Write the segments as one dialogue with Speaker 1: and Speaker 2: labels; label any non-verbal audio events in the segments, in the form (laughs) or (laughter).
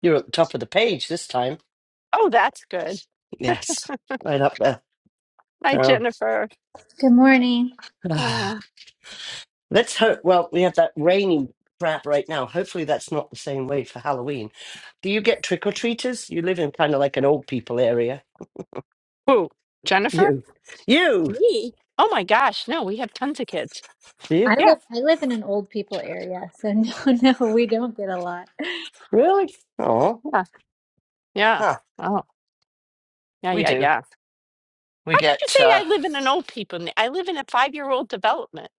Speaker 1: You're at the top of the page this time,
Speaker 2: Oh, that's good.
Speaker 1: Yes. right up there.
Speaker 2: Hi,
Speaker 1: So
Speaker 2: Jennifer.
Speaker 3: Good morning.
Speaker 1: (sighs)
Speaker 2: Uh,
Speaker 1: ah, let's hope. Well, we have that rainy crap right now. Hopefully, that's not the same way for Halloween. Do you get trick or treaters? You live in kind of like an old people area.
Speaker 2: who? Jennifer?
Speaker 1: You, you,
Speaker 2: Me? Oh my gosh, no, we have tons of kids.
Speaker 1: do
Speaker 3: I
Speaker 1: you
Speaker 2: Yeah,
Speaker 3: live I live in an old people area, so no, (laughs) no, we don't get a lot.
Speaker 1: really? Oh,
Speaker 2: yeah, yeah.
Speaker 1: huh.
Speaker 2: Oh, yeah,
Speaker 1: We
Speaker 2: yeah,
Speaker 1: do.
Speaker 2: yeah.
Speaker 1: We
Speaker 2: How could you
Speaker 1: get
Speaker 2: say
Speaker 1: uh,
Speaker 2: I live in an old people? ne- I live in a five-year-old development.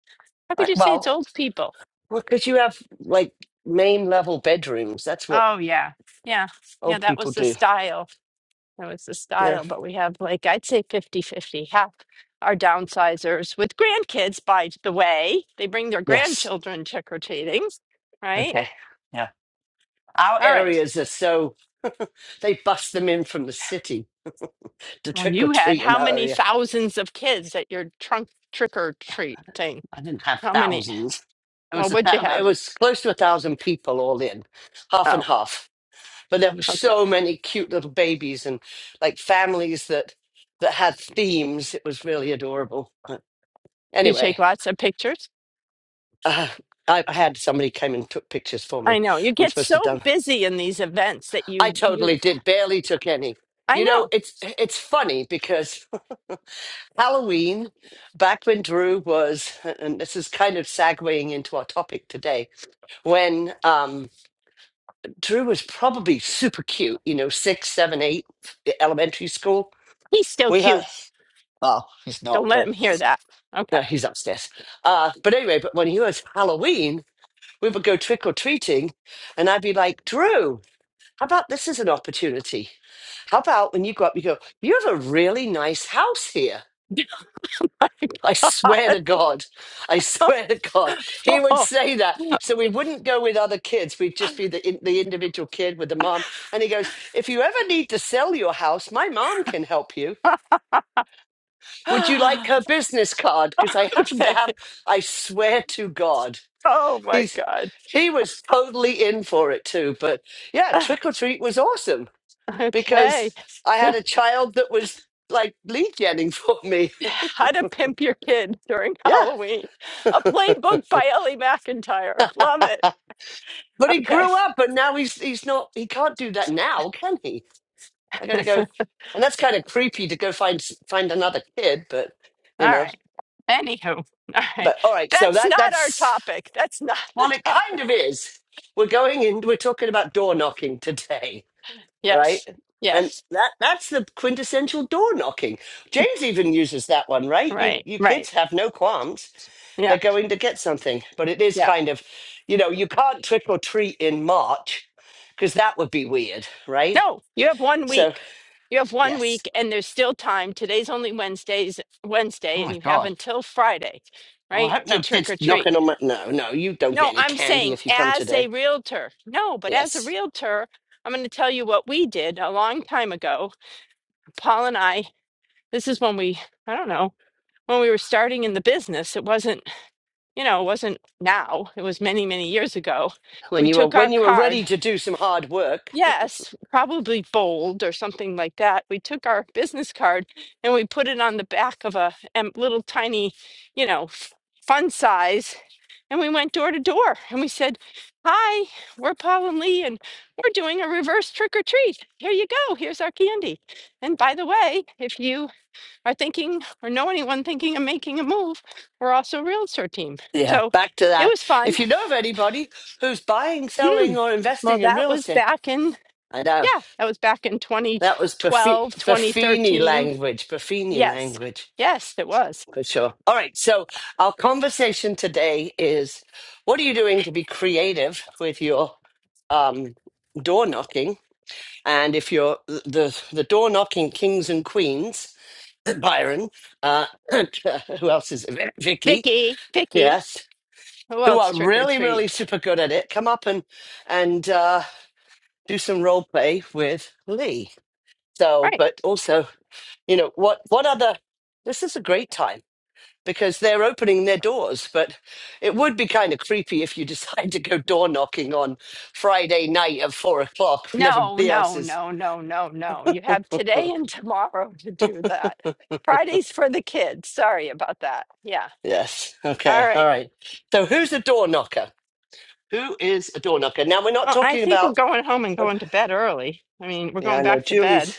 Speaker 2: How could
Speaker 1: like,
Speaker 2: you say it's
Speaker 1: well,
Speaker 2: old people?
Speaker 1: because you have like main level bedrooms. That's what
Speaker 2: Oh yeah, yeah, yeah.
Speaker 1: old
Speaker 2: That
Speaker 1: people
Speaker 2: was the
Speaker 1: do.
Speaker 2: style. That was the
Speaker 1: Yeah.
Speaker 2: style. But we have like I'd say fifty-fifty Half our downsizers with grandkids, by the way, they bring their
Speaker 1: Yes.
Speaker 2: grandchildren trick or treating, right?
Speaker 1: Okay. Yeah. Our
Speaker 2: All right.
Speaker 1: areas are so. They bust them in from the city to
Speaker 2: Well,
Speaker 1: trick or
Speaker 2: you had
Speaker 1: treat in
Speaker 2: how
Speaker 1: that
Speaker 2: many
Speaker 1: area.
Speaker 2: thousands of kids at your trunk trick or treat thing?
Speaker 1: I didn't have
Speaker 2: How many?
Speaker 1: thousands. It
Speaker 2: Well,
Speaker 1: was a
Speaker 2: what'd you
Speaker 1: thou- it
Speaker 2: have?
Speaker 1: was close to a thousand people all in, half
Speaker 2: Oh,
Speaker 1: and half. But there were
Speaker 2: okay.
Speaker 1: so many cute little babies and like families that that had themes. It was really adorable. But
Speaker 2: Did you take
Speaker 1: anyway,
Speaker 2: lots of pictures?
Speaker 1: uh, I I had somebody came and took pictures for
Speaker 2: I
Speaker 1: me.
Speaker 2: know. You
Speaker 1: I'm
Speaker 2: get
Speaker 1: supposed
Speaker 2: so
Speaker 1: to done.
Speaker 2: busy in these events that
Speaker 1: I
Speaker 2: you, you,
Speaker 1: totally did. Barely took any.
Speaker 2: I
Speaker 1: You know,
Speaker 2: know.
Speaker 1: it's it's funny because Halloween, back when Drew was, and this is kind of segueing into our topic today, when um, Drew was probably super cute, you know, six, seven, eight, e- elementary school.
Speaker 2: He's still
Speaker 1: We
Speaker 2: cute.
Speaker 1: had, well, he's not,
Speaker 2: Don't let
Speaker 1: but
Speaker 2: him hear that. Okay.
Speaker 1: no, he's upstairs. Uh, but anyway, but when he was Halloween, we would go trick or treating, and I'd be like, Drew, how about this is an opportunity? How about when you go up, you go, you have a really nice house here
Speaker 2: (laughs)
Speaker 1: I swear to God. I swear to God. He would say that. So we wouldn't go with other kids. We'd just be the, in- the individual kid with the mom. And he goes, If you ever need to sell your house, my mom can help you. Would you like her business card? Because I happen to
Speaker 2: okay.
Speaker 1: have, I swear to God.
Speaker 2: Oh my
Speaker 1: He's,
Speaker 2: God.
Speaker 1: he was totally in for it too. But yeah,
Speaker 2: (laughs)
Speaker 1: trick or treat was awesome
Speaker 2: okay.
Speaker 1: because
Speaker 2: (laughs)
Speaker 1: I had a child that was like lead genning for me. (laughs)
Speaker 2: (laughs) How to Pimp Your Kid During
Speaker 1: Yeah.
Speaker 2: Halloween, a playbook by Ellie McIntyre. Love it.
Speaker 1: But he
Speaker 2: Okay.
Speaker 1: grew up, and now he's he's not. He can't do that now, can he? I got to
Speaker 2: (laughs)
Speaker 1: go,
Speaker 2: All
Speaker 1: and that's kind of creepy to go find s- find another kid. But you know,
Speaker 2: right. Anywho, (laughs) all
Speaker 1: but
Speaker 2: right.
Speaker 1: all right. So
Speaker 2: That's
Speaker 1: that
Speaker 2: not our
Speaker 1: that's
Speaker 2: topic. That's (laughs) not our
Speaker 1: well, it
Speaker 2: topic.
Speaker 1: kind of is. We're going in. we're talking about door knocking today, right?
Speaker 2: Yes.
Speaker 1: And
Speaker 2: Yes.
Speaker 1: that that's the quintessential door knocking. James even uses that one, right? You
Speaker 2: Right.
Speaker 1: you
Speaker 2: Right.
Speaker 1: kids have no qualms.
Speaker 2: Yeah.
Speaker 1: they're going to get something. But it is
Speaker 2: Yeah.
Speaker 1: kind of, you know, you can't trick or treat in March because that would be weird, right?
Speaker 2: No, you have one
Speaker 1: So,
Speaker 2: week. You have one
Speaker 1: yes.
Speaker 2: week, and there's still time. Today's only Wednesday's
Speaker 1: Oh
Speaker 2: Wednesday, and
Speaker 1: my
Speaker 2: you have
Speaker 1: God.
Speaker 2: until Friday,
Speaker 1: Oh, I
Speaker 2: right,
Speaker 1: hope
Speaker 2: to
Speaker 1: no
Speaker 2: trick
Speaker 1: kids
Speaker 2: or treat.
Speaker 1: knocking on my. No, no, you don't get
Speaker 2: No,
Speaker 1: any
Speaker 2: I'm
Speaker 1: candy
Speaker 2: saying
Speaker 1: if you come
Speaker 2: as a
Speaker 1: today.
Speaker 2: realtor. No, but as a
Speaker 1: Yes.
Speaker 2: realtor, I'm going to tell you what we did a long time ago. Paul and I, this is when we, I don't know, when we were starting in the business. It wasn't, you know, it wasn't now. It was many, many years ago. We
Speaker 1: When you are
Speaker 2: took our
Speaker 1: when you are
Speaker 2: card.
Speaker 1: ready to do some hard work.
Speaker 2: Yes, probably bold or something like that. We took our business card and we put it on the back of a em- little tiny, you know, fun size. and we went door to door and we said, Hi, we're Paul and Lee, and we're doing a reverse trick or treat. Here you go. Here's our candy. And by the way, if you are thinking or know anyone thinking of making a move, we're also a realtor team.
Speaker 1: Yeah,
Speaker 2: So
Speaker 1: back to
Speaker 2: it
Speaker 1: that.
Speaker 2: was fun.
Speaker 1: If you know of anybody who's buying,
Speaker 2: Hmm.
Speaker 1: selling, or
Speaker 2: Well,
Speaker 1: investing in
Speaker 2: that
Speaker 1: real
Speaker 2: was
Speaker 1: estate,
Speaker 2: back in,
Speaker 1: I know
Speaker 2: yeah, that was back in
Speaker 1: that was
Speaker 2: 2012,
Speaker 1: Buffini
Speaker 2: 2013.
Speaker 1: language. Buffini
Speaker 2: Yes,
Speaker 1: language.
Speaker 2: yes, it was.
Speaker 1: For sure. All right. So, our conversation today is what are you doing to be creative with your um, door knocking? And if you're the, the door knocking kings and queens, (clears throat) Byron, uh, (clears throat) who else is it? Vicky,
Speaker 2: Vicky, Vicky,
Speaker 1: yes,
Speaker 2: who
Speaker 1: who
Speaker 2: else
Speaker 1: are
Speaker 2: trick or
Speaker 1: really, really
Speaker 2: treats?
Speaker 1: super good at it, come up and, and uh, do some role play with Lee. So,
Speaker 2: Right.
Speaker 1: but also, you know, what, what other, this is a great time because they're opening their doors. But it would be kind of creepy if you (laughs) decide to go door knocking on Friday night at four o'clock when
Speaker 2: No,
Speaker 1: everybody else
Speaker 2: no,
Speaker 1: is. (laughs)
Speaker 2: no, no, no, no. You have today and tomorrow (laughs) to do that. Friday's for the kids. Sorry about that. Yeah.
Speaker 1: Yes.
Speaker 2: All
Speaker 1: Okay. All
Speaker 2: right.
Speaker 1: right. So who's a door knocker? Who is a door knocker? Now we're not
Speaker 2: Well, I
Speaker 1: talking
Speaker 2: think we're
Speaker 1: about.
Speaker 2: going home and
Speaker 1: oh,
Speaker 2: going to bed early. I mean, we're
Speaker 1: Yeah, I
Speaker 2: going
Speaker 1: know
Speaker 2: back to bed.
Speaker 1: Julie's.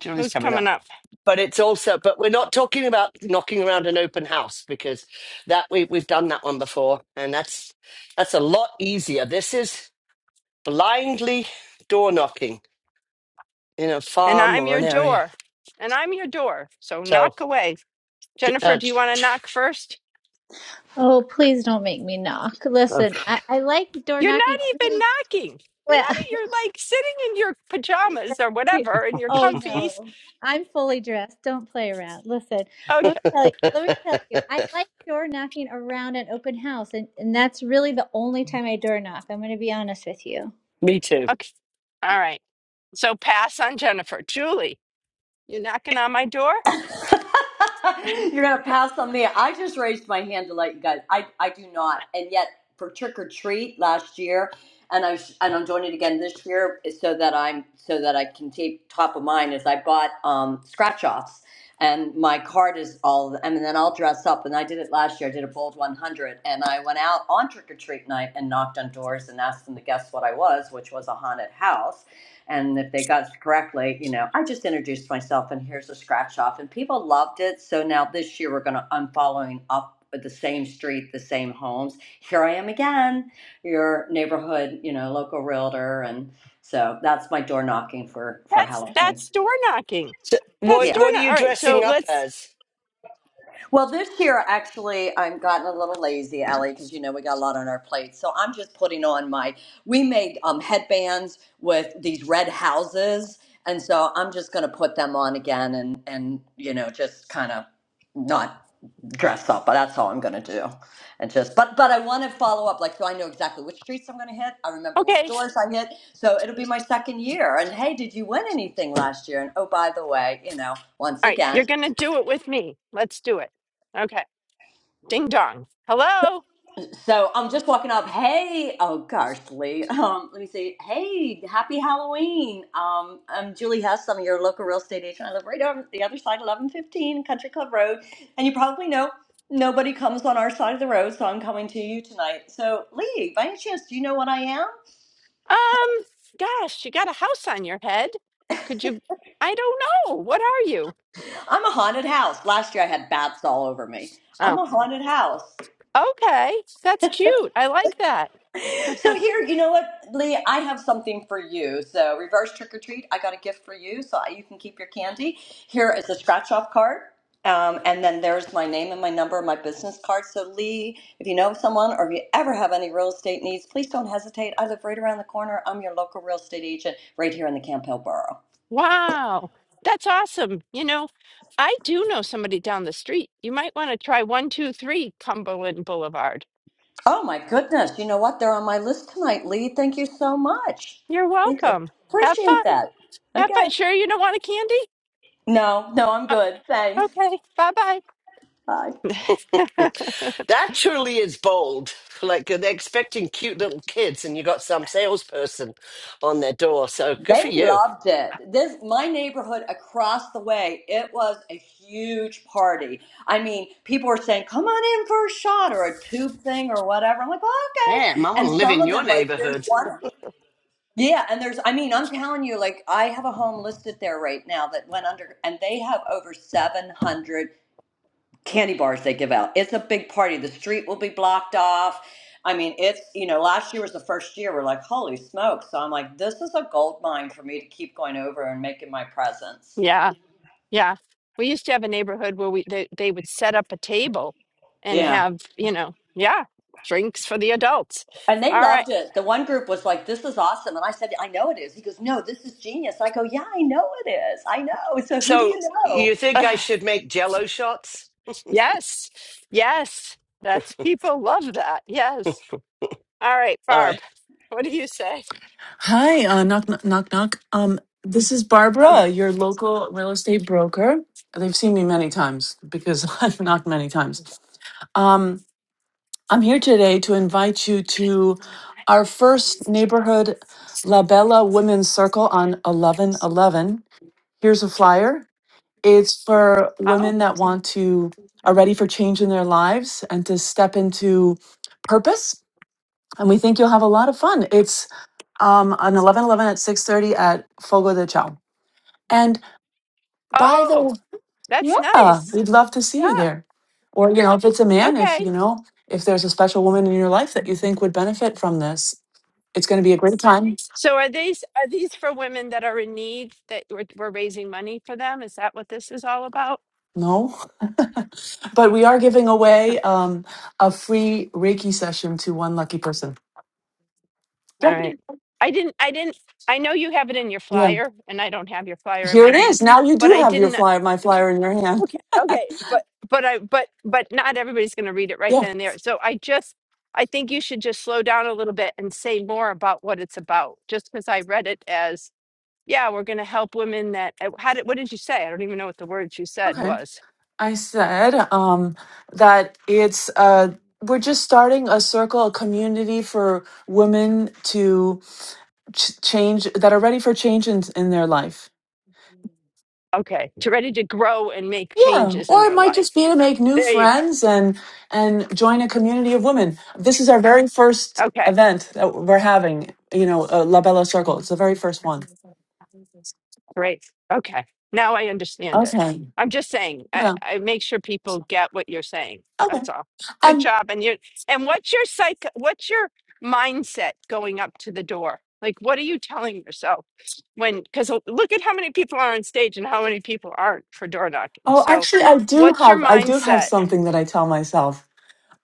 Speaker 1: Julie's
Speaker 2: Who's
Speaker 1: coming up,
Speaker 2: coming up?
Speaker 1: but it's also. But we're not talking about knocking around an open house because that we we've done that one before, and that's that's a lot easier. This is blindly door knocking in a
Speaker 2: And
Speaker 1: farm
Speaker 2: I'm
Speaker 1: or
Speaker 2: your
Speaker 1: an area.
Speaker 2: door. And I'm your door. So
Speaker 1: So,
Speaker 2: knock away.
Speaker 1: j-
Speaker 2: Jennifer,
Speaker 1: uh,
Speaker 2: do you want to
Speaker 1: j-
Speaker 2: knock first?
Speaker 3: Oh, please don't make me knock. Listen,
Speaker 1: okay.
Speaker 3: I, I like door
Speaker 2: You're
Speaker 3: knocking
Speaker 2: not even
Speaker 3: only
Speaker 2: knocking. You're
Speaker 3: well. (laughs)
Speaker 2: not, e, you're like sitting in your pajamas or whatever in your
Speaker 3: Oh
Speaker 2: comfies.
Speaker 3: no. I'm fully dressed. Don't play around. Listen, let
Speaker 2: Okay.
Speaker 3: me tell you, let me tell you, I like door knocking around an open house and, and that's really the only time I door knock. I'm gonna be honest with you.
Speaker 1: (laughs) Me too.
Speaker 2: Okay. All right. So pass on Jennifer. Julie. You're knocking on my door?
Speaker 4: (laughs) You're gonna pass on me. I just raised my hand to let you guys. I I do not, and yet for trick or treat last year, and I sh- and I'm doing it again this year so that I'm so that I can keep top of mind. Is I bought um, scratch offs, and my card is all, and then I'll dress up. And I did it last year. I did a bold 100, and I went out on trick or treat night and knocked on doors and asked them to guess what I was, which was a haunted house and if they got it correctly, you know, I just introduced myself and here's a scratch off. And people loved it. So now this year we're going to, I'm following up with the same street, the same homes. Here I am again, your neighborhood, you know, local realtor. And so that's my door knocking for, for
Speaker 2: That's
Speaker 4: Halloween.
Speaker 2: that's door knocking.
Speaker 1: So
Speaker 2: That's
Speaker 1: what
Speaker 4: Yeah.
Speaker 2: door
Speaker 1: What are
Speaker 2: knock.
Speaker 1: you
Speaker 2: All right, so
Speaker 1: dressing up
Speaker 2: let's
Speaker 1: as?
Speaker 4: Well, this year actually, I'm gotten a little lazy, Allie, because you know we got a lot on our plate. So I'm just putting on my. We made um, headbands with these red houses, and so I'm just going to put them on again, and and you know just kind of not dress up, but that's all I'm going to do, and just. But but I want to follow up, like so I know exactly which streets I'm going to hit. I remember which
Speaker 2: okay.
Speaker 4: doors I hit, so it'll be my second year. And hey, did you win anything last year? And oh, by the way, you know, once
Speaker 2: All right,
Speaker 4: again.
Speaker 2: you're gonna do it with me. Let's do it. Okay. Ding dong. Hello?
Speaker 4: So I'm just walking up. Hey, oh gosh, Lee. (laughs) Um, let me see. Hey, happy Halloween. Um, I'm Julie Hess. I'm your local real estate agent. I live right on the other side, 1115 Country Club Road. And you probably know nobody comes on our side of the road, so I'm coming to you tonight. So, Lee, by any chance, do you know what I am?
Speaker 2: Um, gosh, you got a house on your head. Could you I don't know. What are you?
Speaker 4: I'm a haunted house. Last year I had bats all over me. I'm
Speaker 2: Oh,
Speaker 4: a haunted house.
Speaker 2: okay. That's cute. I like that.
Speaker 4: (laughs) So here, you know what, Lee? I have something for you. So reverse trick or treat. I got a gift for you, so you can keep your candy. Here is a scratch off card, um, and then there's my name and my number, my business card. So Lee, if you know someone or if you ever have any real estate needs, please don't hesitate. I live right around the corner. I'm your local real estate agent right here in the Campbell Borough.
Speaker 2: Wow. That's awesome. You know, I do know somebody down the street. You might want to try 123 Cumberland Boulevard.
Speaker 4: Oh my goodness! You know what? They're on my list tonight, Lee. Thank you so much.
Speaker 2: You're
Speaker 4: Thank you.
Speaker 2: welcome. Have fun.
Speaker 4: Appreciate that.
Speaker 2: Yeah,
Speaker 4: Okay.
Speaker 2: but sure you don't want a candy?
Speaker 4: No, no, I'm
Speaker 2: Uh,
Speaker 4: good. Thanks.
Speaker 2: okay, bye bye.
Speaker 4: Bye.
Speaker 2: (laughs)
Speaker 1: That surely is bold. Like they're expecting cute little kids, and you got some salesperson on their door. So good for
Speaker 4: They
Speaker 1: you.
Speaker 4: loved it. This my neighborhood across the way, it was a huge party. I mean, people were saying, "Come on in for a shot or a tube thing or whatever." I'm like, oh, "Okay."
Speaker 1: Damn, I want
Speaker 4: And
Speaker 1: to live
Speaker 4: some
Speaker 1: in
Speaker 4: of
Speaker 1: your
Speaker 4: them like there's
Speaker 1: neighborhood.
Speaker 4: one Yeah, and there's I mean, I'm telling you like I have a home listed there right now that went under and they have over 700 candy bars they give out. It's a big party. The street will be blocked off. I mean, it's, you know, last year was the first year we're like, holy smoke. So I'm like, this is a gold mine for me to keep going over and making my presence.
Speaker 2: Yeah, yeah. We used to have a neighborhood where we they, they would set up a table and
Speaker 4: Yeah.
Speaker 2: have, you know, yeah, drinks for the adults.
Speaker 4: And they
Speaker 2: All right.
Speaker 4: loved it. The one group was like, this is awesome. And I said, I know it is. He goes, no, this is genius. I go, yeah, I know it is. I know. So who do
Speaker 1: So
Speaker 4: you know?
Speaker 1: you
Speaker 2: (sighs)
Speaker 1: think I
Speaker 2: Ugh,
Speaker 1: should make Jello shots?
Speaker 2: yes. Yes. That's people love that.
Speaker 1: (laughs) All
Speaker 2: Yes. All right, Barb.
Speaker 1: right.
Speaker 2: What do you say?
Speaker 5: Hi, uh, knock, knock, knock, knock. Um, this is
Speaker 2: Um,
Speaker 5: Barbara, your local real estate broker. They've seen me many times because (laughs) I've knocked many times. Um, I'm here today to invite you to our first neighborhood La Bella Women's Circle on 1111. Here's a flyer. It's for women
Speaker 2: oh.
Speaker 5: that want to, are ready for change in their lives and to step into purpose. And we think you'll have a lot of fun. It's um, on eleven eleven at 6.30 at Fogo de Chao. And by
Speaker 2: Oh,
Speaker 5: the,
Speaker 2: that's
Speaker 5: yeah,
Speaker 2: nice.
Speaker 5: we'd love to see you
Speaker 2: Yeah.
Speaker 5: there. Or, you know, if it's a man, if,
Speaker 2: Okay.
Speaker 5: you know, if there's a special woman in your life that you think would benefit from this, it's going to be a great time.
Speaker 2: So are these are these for women that are in need that we're, we're raising money for them? Is that what this is all about?
Speaker 5: No. (laughs) but we are giving away um, a free Reiki session to one lucky person.
Speaker 2: All
Speaker 5: Yeah.
Speaker 2: right. I didn't I didn't I know you have it in your
Speaker 5: Yeah.
Speaker 2: flyer and I don't have your flyer in
Speaker 5: Here
Speaker 2: my
Speaker 5: it
Speaker 2: hand,
Speaker 5: is. Now you
Speaker 2: but
Speaker 5: do
Speaker 2: I
Speaker 5: have your
Speaker 2: didn't
Speaker 5: flyer, my flyer in your hand.
Speaker 2: okay, okay, but but I but but not everybody's going to read it right
Speaker 5: Yeah.
Speaker 2: then and there. So I just I think you should just slow down a little bit and say more about what it's about just because I read it as yeah, we're going to help women that uh, how did what did you say? I don't even know what the words you said
Speaker 5: Okay.
Speaker 2: was.
Speaker 5: I said um, that it's uh, we're just starting a circle, a community for women to ch- change that are ready for change in, in their life.
Speaker 2: Okay, to ready to grow and make
Speaker 5: Yeah,
Speaker 2: changes in
Speaker 5: or it
Speaker 2: their
Speaker 5: might
Speaker 2: life.
Speaker 5: just be to make new
Speaker 2: There you go.
Speaker 5: friends and and join a community of women. This is our very first
Speaker 2: Okay,
Speaker 5: event that we're having. You know, uh, La Bella Circle. It's the very first one.
Speaker 2: great. Okay, now I understand it.
Speaker 5: Okay.
Speaker 2: I'm just saying, I,
Speaker 5: Yeah.
Speaker 2: I make sure people get what you're saying.
Speaker 5: Okay.
Speaker 2: That's all. Good
Speaker 5: And
Speaker 2: job. And you and what's your psych? What's your mindset going up to the door? Like, what are you telling yourself when? Because look at how many people are on stage and how many people aren't for door knocking.
Speaker 5: oh,
Speaker 2: So,
Speaker 5: actually, I do
Speaker 2: what's your
Speaker 5: have I do have
Speaker 2: mindset?
Speaker 5: something that I tell myself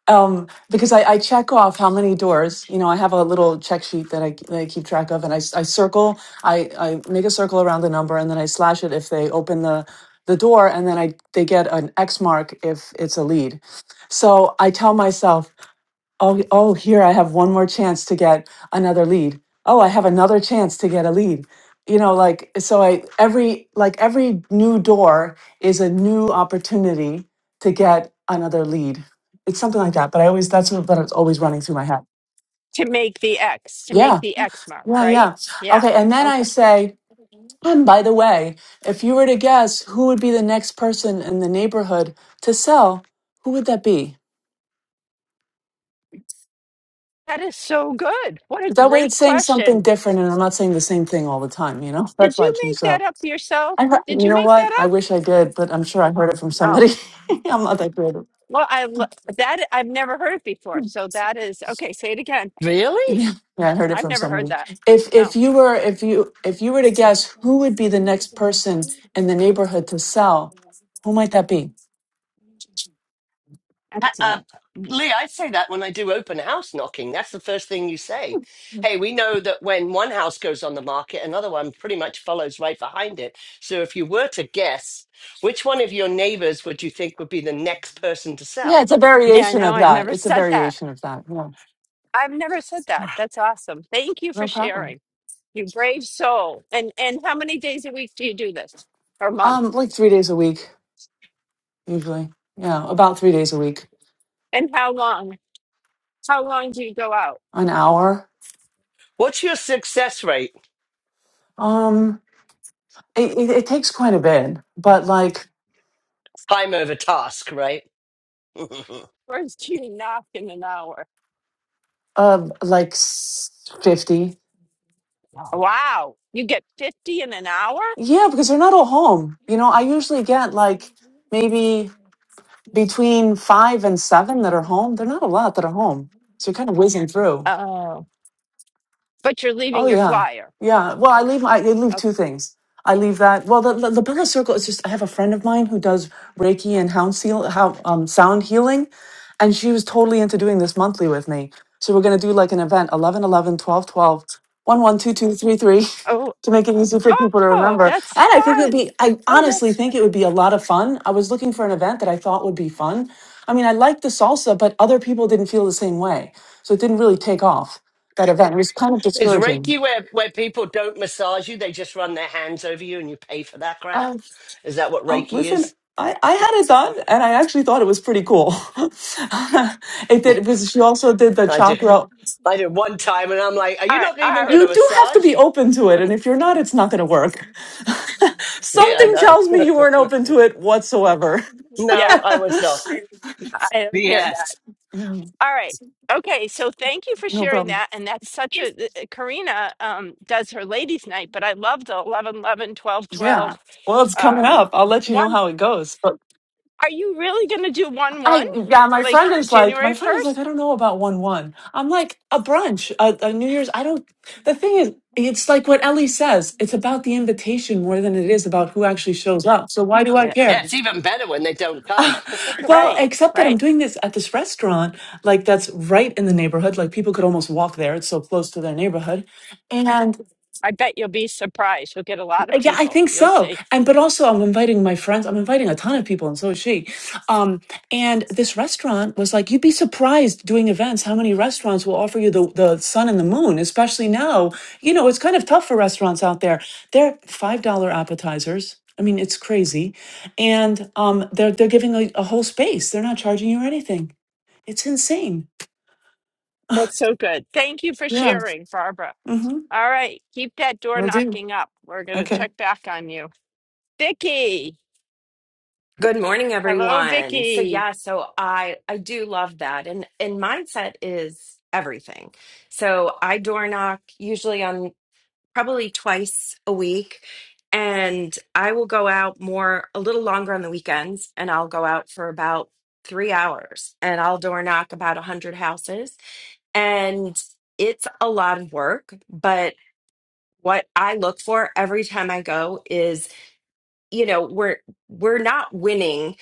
Speaker 5: um, because I, I check off how many doors. You know, I have a little check sheet that I, that I keep track of, and I, s- I circle, I, I make a circle around the number, and then I slash it if they open the the door, and then I they get an X mark if it's a lead. So I tell myself Oh, oh, here I have one more chance to get another lead. Oh, I have another chance to get a lead. You know, like so I every like every new door is a new opportunity to get another lead. It's something like that, but I always that's what that's always running through my head.
Speaker 2: to make the X, to make
Speaker 5: Yeah.
Speaker 2: the X mark,
Speaker 5: Yeah,
Speaker 2: right?
Speaker 5: yeah.
Speaker 2: Yeah.
Speaker 5: Okay, and then I
Speaker 2: Okay.
Speaker 5: say, and by the way, if you were to guess who would be the next person in the neighborhood to sell, who would that be?
Speaker 2: That is so good. What a
Speaker 5: That way it's
Speaker 2: great
Speaker 5: saying something
Speaker 2: question.
Speaker 5: different and I'm not saying the same thing all the time, you know? (laughs)
Speaker 2: Did
Speaker 5: That's why I
Speaker 2: you make
Speaker 5: changed it
Speaker 2: that
Speaker 5: up.
Speaker 2: up yourself?
Speaker 5: I heard,
Speaker 2: Did
Speaker 5: you
Speaker 2: you
Speaker 5: know
Speaker 2: make
Speaker 5: what?
Speaker 2: that
Speaker 5: I
Speaker 2: up?
Speaker 5: wish I did, but I'm sure I heard it from
Speaker 2: Oh,
Speaker 5: somebody. (laughs) I'm not that creative.
Speaker 2: well, I lo- that I've never heard it before. So that is okay. Say it again.
Speaker 1: Really?
Speaker 5: Yeah, yeah, I heard it
Speaker 2: I've
Speaker 5: from
Speaker 2: never heard
Speaker 5: somebody.
Speaker 2: that.
Speaker 5: If
Speaker 2: No.
Speaker 5: if you were if you if you were to guess who would be the next person in the neighborhood to sell, who might that be?
Speaker 1: Ha-
Speaker 2: Excellent.
Speaker 1: Um, Lee, I say that when I do open house knocking. That's the first thing you say. Hey, we know that when one house goes on the market, another one pretty much follows right behind it. So if you were to guess, which one of your neighbors would you think would be the next person to
Speaker 5: Yeah,
Speaker 1: sell?
Speaker 5: it's a
Speaker 2: Yeah, I
Speaker 5: variation
Speaker 2: know.
Speaker 5: of
Speaker 2: I
Speaker 5: that.
Speaker 2: never
Speaker 5: It's a
Speaker 2: said that.
Speaker 5: variation of that. Yeah,
Speaker 2: I've never said that. That's awesome. Thank you for
Speaker 5: no
Speaker 2: sharing.
Speaker 5: problem.
Speaker 2: You brave soul. And and how many days a week do you do this? Or
Speaker 5: Um,
Speaker 2: month?
Speaker 5: like three days a week usually. Yeah, about three days a week,
Speaker 2: And how long? How long do you go out?
Speaker 5: an hour.
Speaker 1: What's your success rate?
Speaker 5: Um, It, it, it takes quite a bit, but like,
Speaker 1: Time over task, right? (laughs)
Speaker 2: Or do (laughs) you knock in an hour?
Speaker 5: uh, like s- 50.
Speaker 1: Wow.
Speaker 2: Wow. You get 50 in an hour?
Speaker 5: Yeah, because they're not all home. You know, I usually get like maybe between five and seven that are home. They're not a lot that are home. So you're kind of whizzing through.
Speaker 2: Oh. But you're leaving
Speaker 5: Oh
Speaker 2: your
Speaker 5: yeah,
Speaker 2: flyer.
Speaker 5: yeah. Well, I leave. I, I leave two
Speaker 2: Okay.
Speaker 5: things. I leave that. Well, the, the the Bella Circle is just. I have a friend of mine who does Reiki and hound seal, how um, sound healing, and she was totally into doing this monthly with me. So we're gonna do like an event eleven, eleven, twelve, twelve, one, one, two, two, three, three,
Speaker 2: Oh.
Speaker 5: (laughs) to make it easy for people to
Speaker 2: Oh,
Speaker 5: remember.
Speaker 2: that's
Speaker 5: And I think it would
Speaker 2: fun.
Speaker 5: be. I
Speaker 2: Oh, that's
Speaker 5: honestly think
Speaker 2: fun.
Speaker 5: it would be a lot of fun. I was looking for an event that I thought would be fun. I mean, I liked the salsa, but other people didn't feel the same way, so it didn't really take off that event. It was kind of
Speaker 1: Is
Speaker 5: discouraging.
Speaker 1: Reiki where, where people don't massage you, they just run their hands over you and you pay for that crap?
Speaker 5: Um,
Speaker 1: Is that what
Speaker 5: um,
Speaker 1: Reiki
Speaker 5: listen,
Speaker 1: is?
Speaker 5: I, I had it done, and I actually thought it was pretty cool. (laughs) it did because she also did the
Speaker 1: I do
Speaker 5: chakra.
Speaker 1: I did one time, and I'm like, "Are
Speaker 2: All
Speaker 1: you
Speaker 2: right.
Speaker 1: not
Speaker 2: All
Speaker 1: even going
Speaker 2: right.
Speaker 5: You
Speaker 1: to
Speaker 2: (laughs)
Speaker 5: do have to
Speaker 1: massage?"
Speaker 5: be open to it, and if you're not, it's not going to work. (laughs)
Speaker 1: Yeah,
Speaker 5: Something
Speaker 1: no,
Speaker 5: tells me you weren't open to it whatsoever.
Speaker 1: no,
Speaker 2: Yeah.
Speaker 5: (laughs)
Speaker 1: I
Speaker 5: yeah,
Speaker 1: was not.
Speaker 2: I don't hear that.
Speaker 1: Yes,
Speaker 2: All right.
Speaker 5: no
Speaker 2: Okay. So thank you for sharing
Speaker 5: problem.
Speaker 2: that. And that's such a th- th- Karina um, does her ladies' night, but I love the 11, 11, 12, 12.
Speaker 5: Yeah. Well, it's coming up. I'll
Speaker 2: Um,
Speaker 5: let you know
Speaker 2: one,
Speaker 5: how it goes. but.
Speaker 2: are you really going to do 1 1
Speaker 5: I yeah, my friend
Speaker 2: like
Speaker 5: is like, my
Speaker 2: January
Speaker 5: friend is
Speaker 2: 1st?
Speaker 5: like, I don't know about one one. I'm like a brunch, a, a New Year's. I don't. The thing is, it's like what Ellie says. It's about the invitation more than it is about who actually shows up. So why do I
Speaker 2: Yeah.
Speaker 1: yeah,
Speaker 5: care?
Speaker 1: it's even better when they don't come.
Speaker 5: (laughs) well,
Speaker 2: Right.
Speaker 5: except that I'm
Speaker 2: Right.
Speaker 5: doing this at this restaurant, like that's right in the neighborhood. Like people could almost walk there. It's so close to their neighborhood, and.
Speaker 2: I bet you'll be surprised. You'll get a lot of
Speaker 5: Uh, Yeah, I
Speaker 2: people.
Speaker 5: think
Speaker 2: You'll
Speaker 5: so.
Speaker 2: see.
Speaker 5: And but also I'm inviting my friends. I'm inviting a ton of people and so is she. Um and this restaurant was like you'd be surprised doing events how many restaurants will offer you the the sun and the moon, especially now. You know, it's kind of tough for restaurants out there. They're $5 appetizers. I mean, it's crazy. And um they're they're giving a, a whole space. They're not charging you anything. It's insane.
Speaker 2: That's so good. Thank you for
Speaker 5: Yeah.
Speaker 2: sharing, Barbara.
Speaker 5: Mhm.
Speaker 2: All right. Keep that door
Speaker 5: Will do.
Speaker 2: knocking up. We're going to
Speaker 5: Okay.
Speaker 2: check back on you. Vicky.
Speaker 6: Good morning,
Speaker 2: Hello,
Speaker 6: everyone. So
Speaker 2: Vicky.
Speaker 6: yeah, so I I do love that, and and mindset is everything. So I door knock usually on probably twice a week, and I will go out more a little longer on the weekends, and I'll go out for about three hours, and I'll door knock about a hundred houses, and it's a lot of work, but what I look for every time I go is, you know, we're we're not winning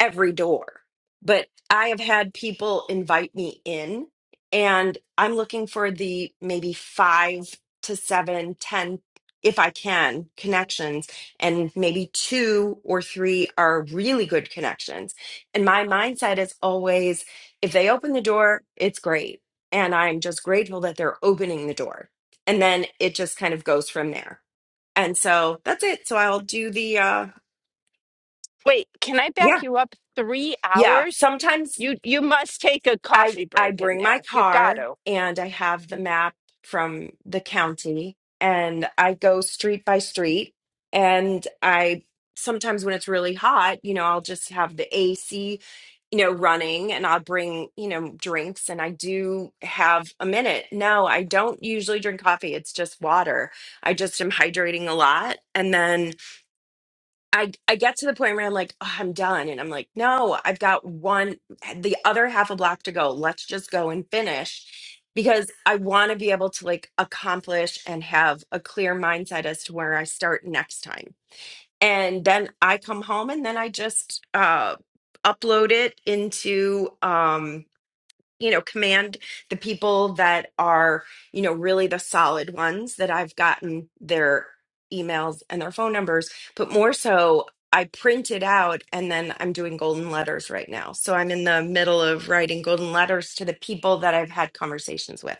Speaker 6: every door. But I have had people invite me in and I'm looking for the maybe five to seven, ten, if I can, connections. And maybe two or three are really good connections. And my mindset is always if they open the door, it's great. And I'm just grateful that they're opening the door. And then it just kind of goes from there. And so that's it. So I'll do the, uh,
Speaker 2: Wait, can I back
Speaker 6: yeah,
Speaker 2: you up three
Speaker 6: yeah.
Speaker 2: hours?
Speaker 6: Sometimes
Speaker 2: You you must take a
Speaker 6: I
Speaker 2: coffee
Speaker 6: I
Speaker 2: break in
Speaker 6: bring my
Speaker 2: there. You got
Speaker 6: car
Speaker 2: to.
Speaker 6: and I have the map from the county and I go street by street and I sometimes when it's really hot, you know, I'll just have the AC, you know, running and I'll bring, you know, drinks and I do have a minute. No, I don't usually drink coffee. It's just water. I just am hydrating a lot and then I I get to the point where I'm like, oh, I'm done, and I'm like, no, I've got one, the other half a block to go. Let's just go and finish, because I want to be able to like accomplish and have a clear mindset as to where I start next time. And then I come home, and then I just uh, upload it into um you know, command the people that are, you know, really the solid ones that I've gotten their emails and their phone numbers, but more so I print it out and then I'm doing golden letters right now. So I'm in the middle of writing golden letters to the people that I've had conversations with.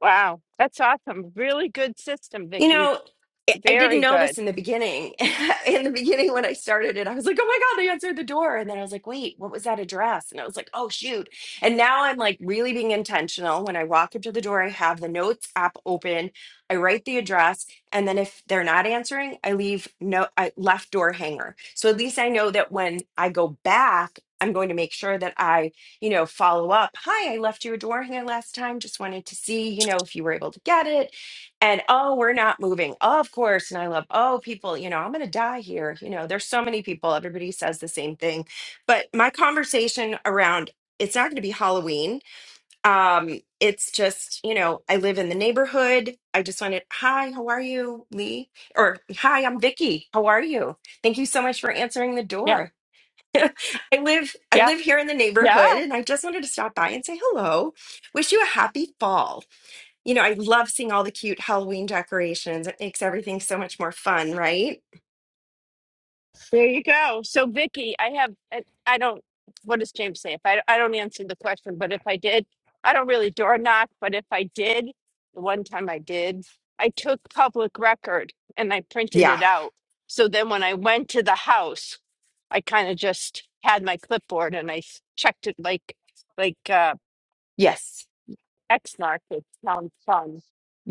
Speaker 2: Wow, that's awesome. Really good system,
Speaker 6: You
Speaker 2: Vicky.
Speaker 6: know, I I didn't
Speaker 2: Very
Speaker 6: know
Speaker 2: good.
Speaker 6: this in the beginning. (laughs) in the beginning, when I started it, I was like, oh my God, they answered the door. And then I was like, wait, what was that address? And I was like, oh, shoot. And now I'm like really being intentional. When I walk up to the door, I have the notes app open, I write the address. And then if they're not answering, I leave no I left door hanger. So at least I know that when I go back, I'm going to make sure that I, you know, follow up. Hi, I left you a door hanger last time. Just wanted to see, you know, if you were able to get it and oh we're not moving Oh, of course and i love oh people you know i'm going to die here you know there's so many people everybody says the same thing but my conversation around it's not going to be halloween um it's just you know i live in the neighborhood i just wanted hi how are you lee or hi i'm vicky how are you thank you so much for answering the
Speaker 2: Yeah,
Speaker 6: door i live i
Speaker 2: yeah,
Speaker 6: live here in the
Speaker 2: yeah.
Speaker 6: neighborhood and i just wanted to stop by and say hello wish you a happy fall you know, I love seeing all the cute Halloween decorations. It makes everything so much more fun, right?
Speaker 2: There you go. So, Vicky, I have, I I don't, what does James say? If I, I don't answer the question, but if I did, I don't really door knock, but if I did, the one time I did, I took public record and I printed
Speaker 6: Yeah.
Speaker 2: it out. So then when I went to the house, I kind of just had my clipboard and I s- checked it like, like, uh,
Speaker 6: Yes.
Speaker 2: X mark. It sounds fun.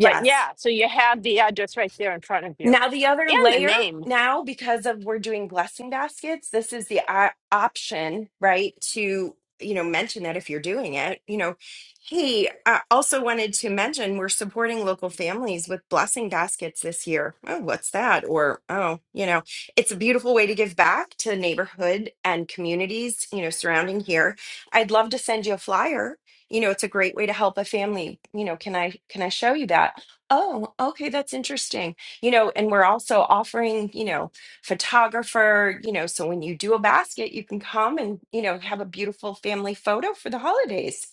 Speaker 2: But yeah, so you have the address right there in front of you
Speaker 6: Now, the other
Speaker 2: and the
Speaker 6: layer
Speaker 2: name.
Speaker 6: now, because of we're doing blessing baskets, this is the o- option, right? To, you know, mention that if you're doing it, you know, hey, I also wanted to mention we're supporting local families with blessing baskets this year. Oh, what's that? Or, oh, you know, it's a beautiful way to give back to the neighborhood and communities, you know, surrounding here. I'd love to send you a flyer. You know, it's a great way to help a family. You know, can I can I show you that? Oh, okay, that's interesting you know and we're also offering you know photographer you know so when you do a basket you can come and you know have a beautiful family photo for the holidays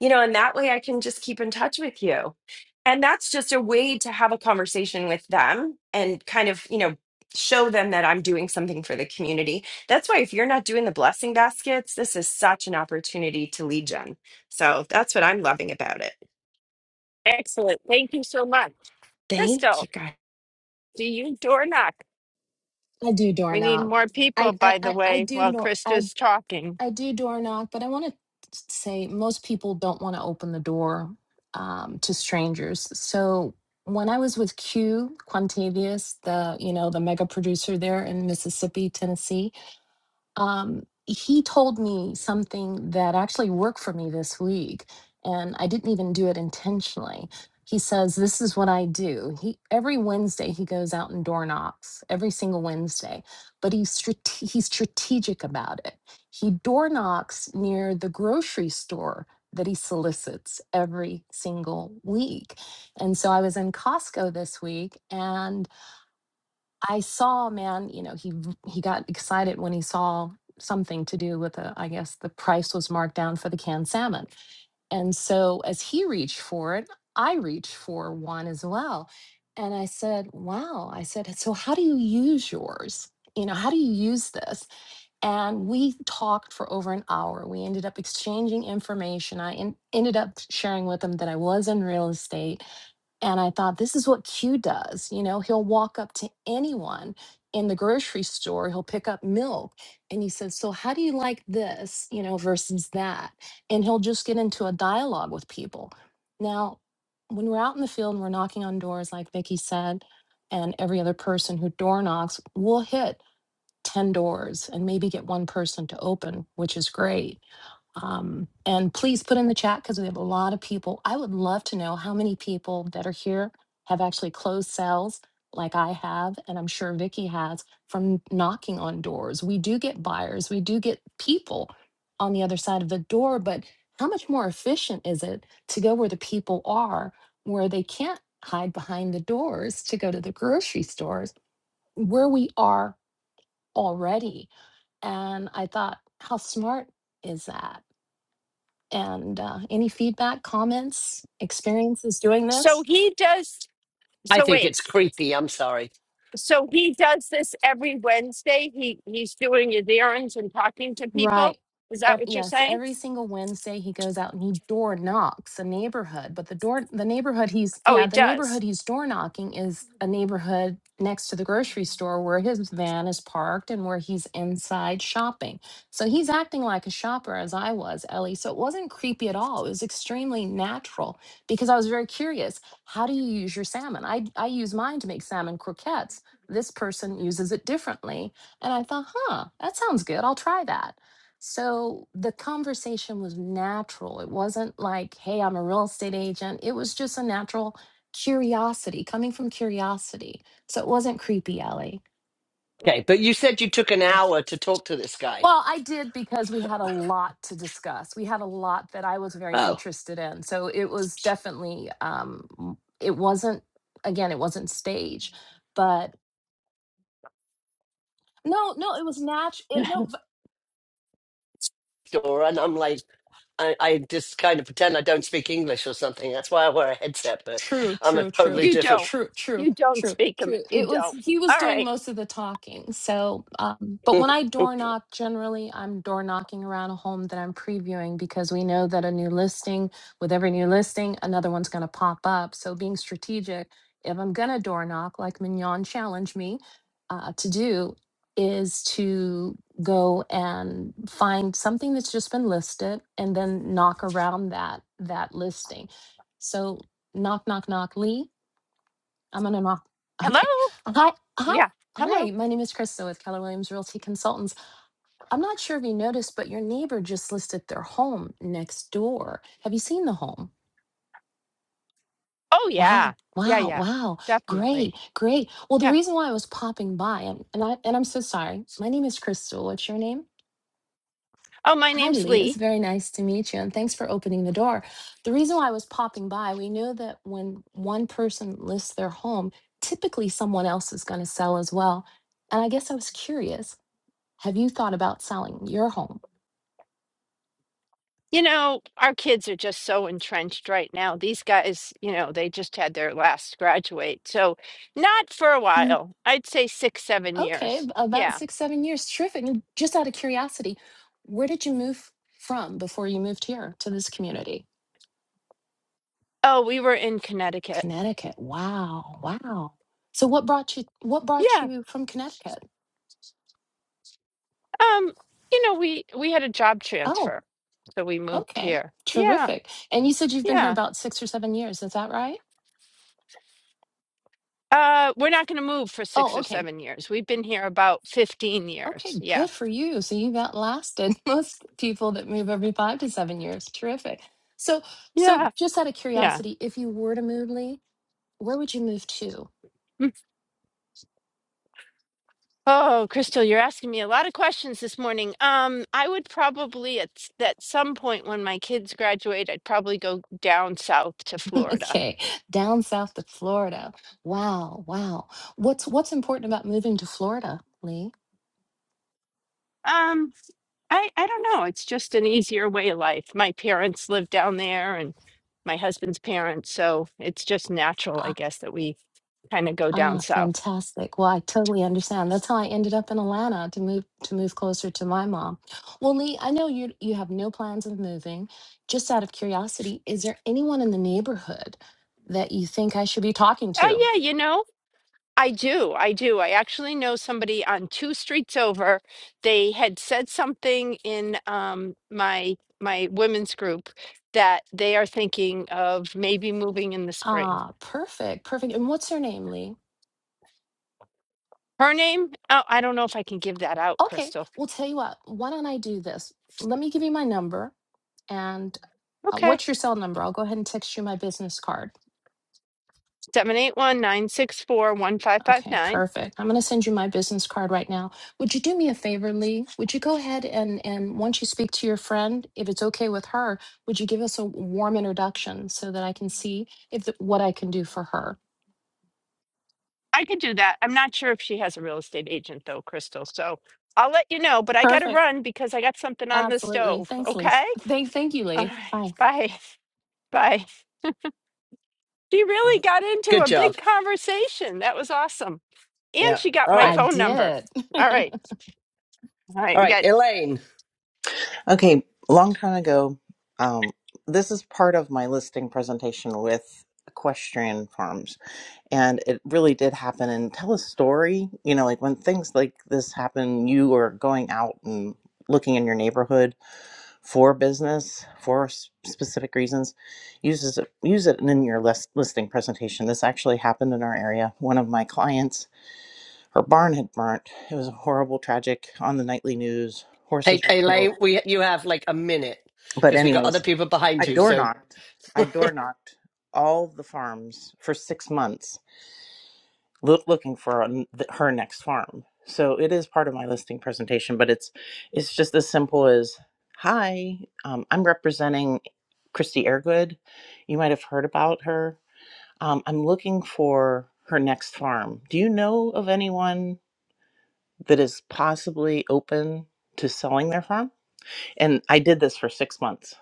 Speaker 6: you know and that way i can just keep in touch with you and that's just a way to have a conversation with them and kind of you know show them that i'm doing something for the community that's why if you're not doing the blessing baskets this is such an opportunity to lead gen so that's what i'm loving about it
Speaker 2: Excellent. Thank you so much.
Speaker 6: thank you
Speaker 2: Crystal,
Speaker 6: guys
Speaker 2: do you door knock?
Speaker 7: I do door
Speaker 2: We need
Speaker 7: knock.
Speaker 2: more
Speaker 7: I
Speaker 2: people,
Speaker 7: I
Speaker 2: by the
Speaker 7: I, I
Speaker 2: way,
Speaker 7: do
Speaker 2: while
Speaker 7: nor I
Speaker 2: Krista's talking.
Speaker 7: I do door knock, but I want to say most people don't want to open the door um, to strangers. So when I was with Q Quantavius, the you know the mega producer there in Mississippi, Tennessee, um, he told me something that actually worked for me this week, and I didn't even do it intentionally. He says, This is what I do. He, every Wednesday, he goes out and door knocks every single Wednesday, but he's, strate- he's strategic about it. He door knocks near the grocery store that he solicits every single week. And so I was in Costco this week, and. I saw, man, you know, he v- he got excited when he saw something to do with the, I guess the price was marked down for the canned salmon. And so as he reached for it, I reached for one as well. And I said, Wow. I said, So how do you use yours? You know, how do you use this? And we talked for over an hour. We ended up exchanging information. I en- ended up sharing with him that I was in real estate and I thought, this is what Q does. You know, he'll walk up to anyone in the grocery store, he'll pick up milk. And he says, So, how do you like this, you know, versus that? And he'll just get into a dialogue with people. Now, when we're out in the field and we're knocking on doors, like Vicki said, and every other person who door knocks, we'll hit 10 doors and maybe get one person to open, which is great um, and please put in the chat because we have a lot of people. I would love to know how many people that are here have actually closed cells like I have, and I'm sure Vicky has from knocking on doors. We do get buyers, we do get people on the other side of the door, but how much more efficient is it to go where the people are, where they can't hide behind the doors to go to the grocery stores, where we are already? And I thought, how smart is that? And uh, any feedback, comments, experiences doing this?
Speaker 2: So he does,
Speaker 1: I
Speaker 2: so
Speaker 1: think
Speaker 2: wait,
Speaker 1: it's creepy. I'm sorry.
Speaker 2: so he does this every Wednesday? He, he's doing his errands and talking to people?
Speaker 7: Right.
Speaker 2: Is that
Speaker 7: Ev-
Speaker 2: what you're
Speaker 7: yes,
Speaker 2: saying?
Speaker 7: every single Wednesday he goes out and he door knocks a neighborhood, but the door the neighborhood he's
Speaker 2: Oh,
Speaker 7: yeah,
Speaker 2: he
Speaker 7: the neighborhood
Speaker 2: does.
Speaker 7: he's door knocking is a neighborhood next to the grocery store where his van is parked and where he's inside shopping. So he's acting like a shopper as I was, Ellie. So it wasn't creepy at all. It was extremely natural because I was very curious. How do you use your salmon? I I use mine to make salmon croquettes. This person uses it differently. And I thought, huh, that sounds good. I'll try that. So the conversation was natural. It wasn't like, hey, I'm a real estate agent. It was just a natural curiosity coming from curiosity. So it wasn't creepy, Ellie.
Speaker 1: Okay, but you said you took an hour to talk to this guy.
Speaker 7: Well, I did because we had a lot to discuss. We had a lot that I was very
Speaker 1: Oh,
Speaker 7: interested in. So it was definitely, um, m- it wasn't, again, it wasn't stage, but no, no, it was natural. It, No.
Speaker 1: Dora, and I'm like, I, I just kind of pretend I don't speak English or something. That's why I wear a headset, but
Speaker 7: True,
Speaker 1: I'm a
Speaker 7: true, true,
Speaker 1: totally
Speaker 2: You
Speaker 1: different.
Speaker 2: don't.
Speaker 1: (laughs)
Speaker 7: true, true,
Speaker 2: You don't
Speaker 7: true,
Speaker 2: speak him.
Speaker 7: true.
Speaker 2: You
Speaker 7: It was
Speaker 2: don't.
Speaker 7: he was
Speaker 2: All
Speaker 7: doing
Speaker 2: right.
Speaker 7: most of the talking. So, um, but when I door
Speaker 1: Good
Speaker 7: knock, generally I'm door knocking around a home that I'm previewing because we know that a new listing, with every new listing, another one's going to pop up. So, being strategic, if I'm going to door knock, like Mignon challenged me uh, to do, is to go and find something that's just been listed and then knock around that that listing. So Knock, knock, knock. Lee, I'm gonna knock. (laughs)
Speaker 2: Hello?
Speaker 7: Okay. Hi, hi,
Speaker 2: Yeah. Hello.
Speaker 7: hi. My name is Krista with Keller Williams Realty Consultants. I'm not sure if you noticed, but your neighbor just listed their home next door. Have you seen the home?
Speaker 2: Oh,
Speaker 7: Wow,
Speaker 2: yeah. Yeah,
Speaker 7: wow,
Speaker 2: yeah.
Speaker 7: wow. Great,
Speaker 2: Definitely.
Speaker 7: great. Well, the
Speaker 2: Yeah.
Speaker 7: reason why I was popping by, and, and I and I'm so sorry. My name is Crystal. What's your name?
Speaker 2: Oh, my
Speaker 7: Hi,
Speaker 2: name's
Speaker 7: Lee.
Speaker 2: Lee.
Speaker 7: It's very nice to meet you, and thanks for opening the door. The reason why I was popping by, we know that when one person lists their home, typically someone else is going to sell as well. And I guess I was curious, have you thought about selling your home?
Speaker 2: You know, our kids are just so entrenched right now. These guys, you know, they just had their last graduate. So, not for a
Speaker 7: No.
Speaker 2: while. I'd say six, seven
Speaker 7: Okay,
Speaker 2: years.
Speaker 7: ab- about
Speaker 2: Yeah.
Speaker 7: six, seven years. Terrific. And just out of curiosity, where did you move from before you moved here to this community?
Speaker 2: Oh, we were in Connecticut.
Speaker 7: Connecticut. Wow, wow. So what brought you what brought
Speaker 2: Yeah.
Speaker 7: you from Connecticut?
Speaker 2: Um, you know, we we had a job
Speaker 7: Oh.
Speaker 2: transfer. So we moved
Speaker 7: Okay,
Speaker 2: here. Yeah.
Speaker 7: terrific. And you said you've been here
Speaker 2: Yeah.
Speaker 7: about six or seven years, is that right?
Speaker 2: Uh, we're not going to move for six
Speaker 7: Oh,
Speaker 2: or
Speaker 7: okay.
Speaker 2: seven years. We've been here about 15 years.
Speaker 7: Okay,
Speaker 2: Yeah.
Speaker 7: good for you. So you've outlasted (laughs) most people that move every five to seven years. Terrific. So, so
Speaker 2: Yeah.
Speaker 7: just out of
Speaker 2: Yeah.
Speaker 7: curiosity, if you were to move, Lee, where would you move to? (laughs)
Speaker 2: Oh, Crystal, you're asking me a lot of questions this morning. Um, I would probably at s- at some point when my kids graduate, I'd probably go down south to Florida.
Speaker 7: Okay, down south to Florida. Wow, wow. What's what's important about moving to Florida, Lee?
Speaker 2: Um, I I don't know. It's just an easier way of life. My parents live down there and my husband's parents, so it's just natural, I guess, that we kind of go down
Speaker 7: Ah,
Speaker 2: south.
Speaker 7: fantastic. Well, I totally understand. That's how I ended up in Atlanta to move to move closer to my mom. Well, Lee, I know you you have no plans of moving. Just out of curiosity, is there anyone in the neighborhood that you think I should be talking to?
Speaker 2: Oh yeah, you know. I do. I do. I actually know somebody on two streets over. They had said something in um, my my women's group that they are thinking of maybe moving in the spring.
Speaker 7: Ah, perfect. Perfect. And what's her name, Lee?
Speaker 2: Her name? Oh, I don't know if I can give that out,
Speaker 7: Okay.
Speaker 2: Crystal.
Speaker 7: Well, tell you what, why don't I do this? Let me give you my number and uh,
Speaker 2: Okay.
Speaker 7: what's your cell number? I'll go ahead and text you my business card.
Speaker 2: seven eight one nine six four one five five
Speaker 7: Okay,
Speaker 2: nine.
Speaker 7: perfect. I'm going to send you my business card right now. Would you do me a favor, Lee? Would you go ahead and and once you speak to your friend, if it's okay with her, would you give us a warm introduction so that I can see if th- what I can do for her?
Speaker 2: I could do that. I'm not sure if she has a real estate agent though, Crystal. So I'll let you know, but I got to
Speaker 7: Perfect.
Speaker 2: run because I got something on the
Speaker 7: Absolutely.
Speaker 2: stove.
Speaker 7: Thanks, Lee.
Speaker 2: Okay?
Speaker 7: Thank thank you,
Speaker 2: All
Speaker 7: Lee.
Speaker 2: right.
Speaker 7: Bye.
Speaker 2: Bye. (laughs) Bye. She really got into a big
Speaker 1: job.
Speaker 2: conversation. That was awesome. And
Speaker 1: Yeah.
Speaker 2: she got
Speaker 1: All
Speaker 2: my
Speaker 1: right.
Speaker 7: I
Speaker 2: phone number.
Speaker 7: did.
Speaker 2: All
Speaker 7: (laughs)
Speaker 2: right. All right.
Speaker 1: All
Speaker 2: We
Speaker 1: right,
Speaker 2: got,
Speaker 1: Elaine.
Speaker 8: Okay, a long time ago, um, this is part of my listing presentation with equestrian farms, and it really did happen. And tell a story, you know, like when things like this happen, you are going out and looking in your neighborhood for business for s- specific reasons. Uses it, use it in your list, listing presentation. This actually happened in our area. One of my clients, her barn had burnt. It was horrible, tragic on the nightly news. Horses
Speaker 1: Hey,
Speaker 8: were killed.
Speaker 1: Elaine, we you have like a minute
Speaker 8: But
Speaker 1: because we got
Speaker 8: anyways,
Speaker 1: other people behind
Speaker 8: I
Speaker 1: you.
Speaker 8: door
Speaker 1: So
Speaker 8: knocked. I door knocked all the farms for six months loo- looking for an- her next farm. So it is part of my listing presentation, but it's it's just as simple as hi, um, I'm representing Christy Airgood. You might have heard about her. Um, I'm looking for her next farm. Do you know of anyone that is possibly open to selling their farm? And I did this for six months.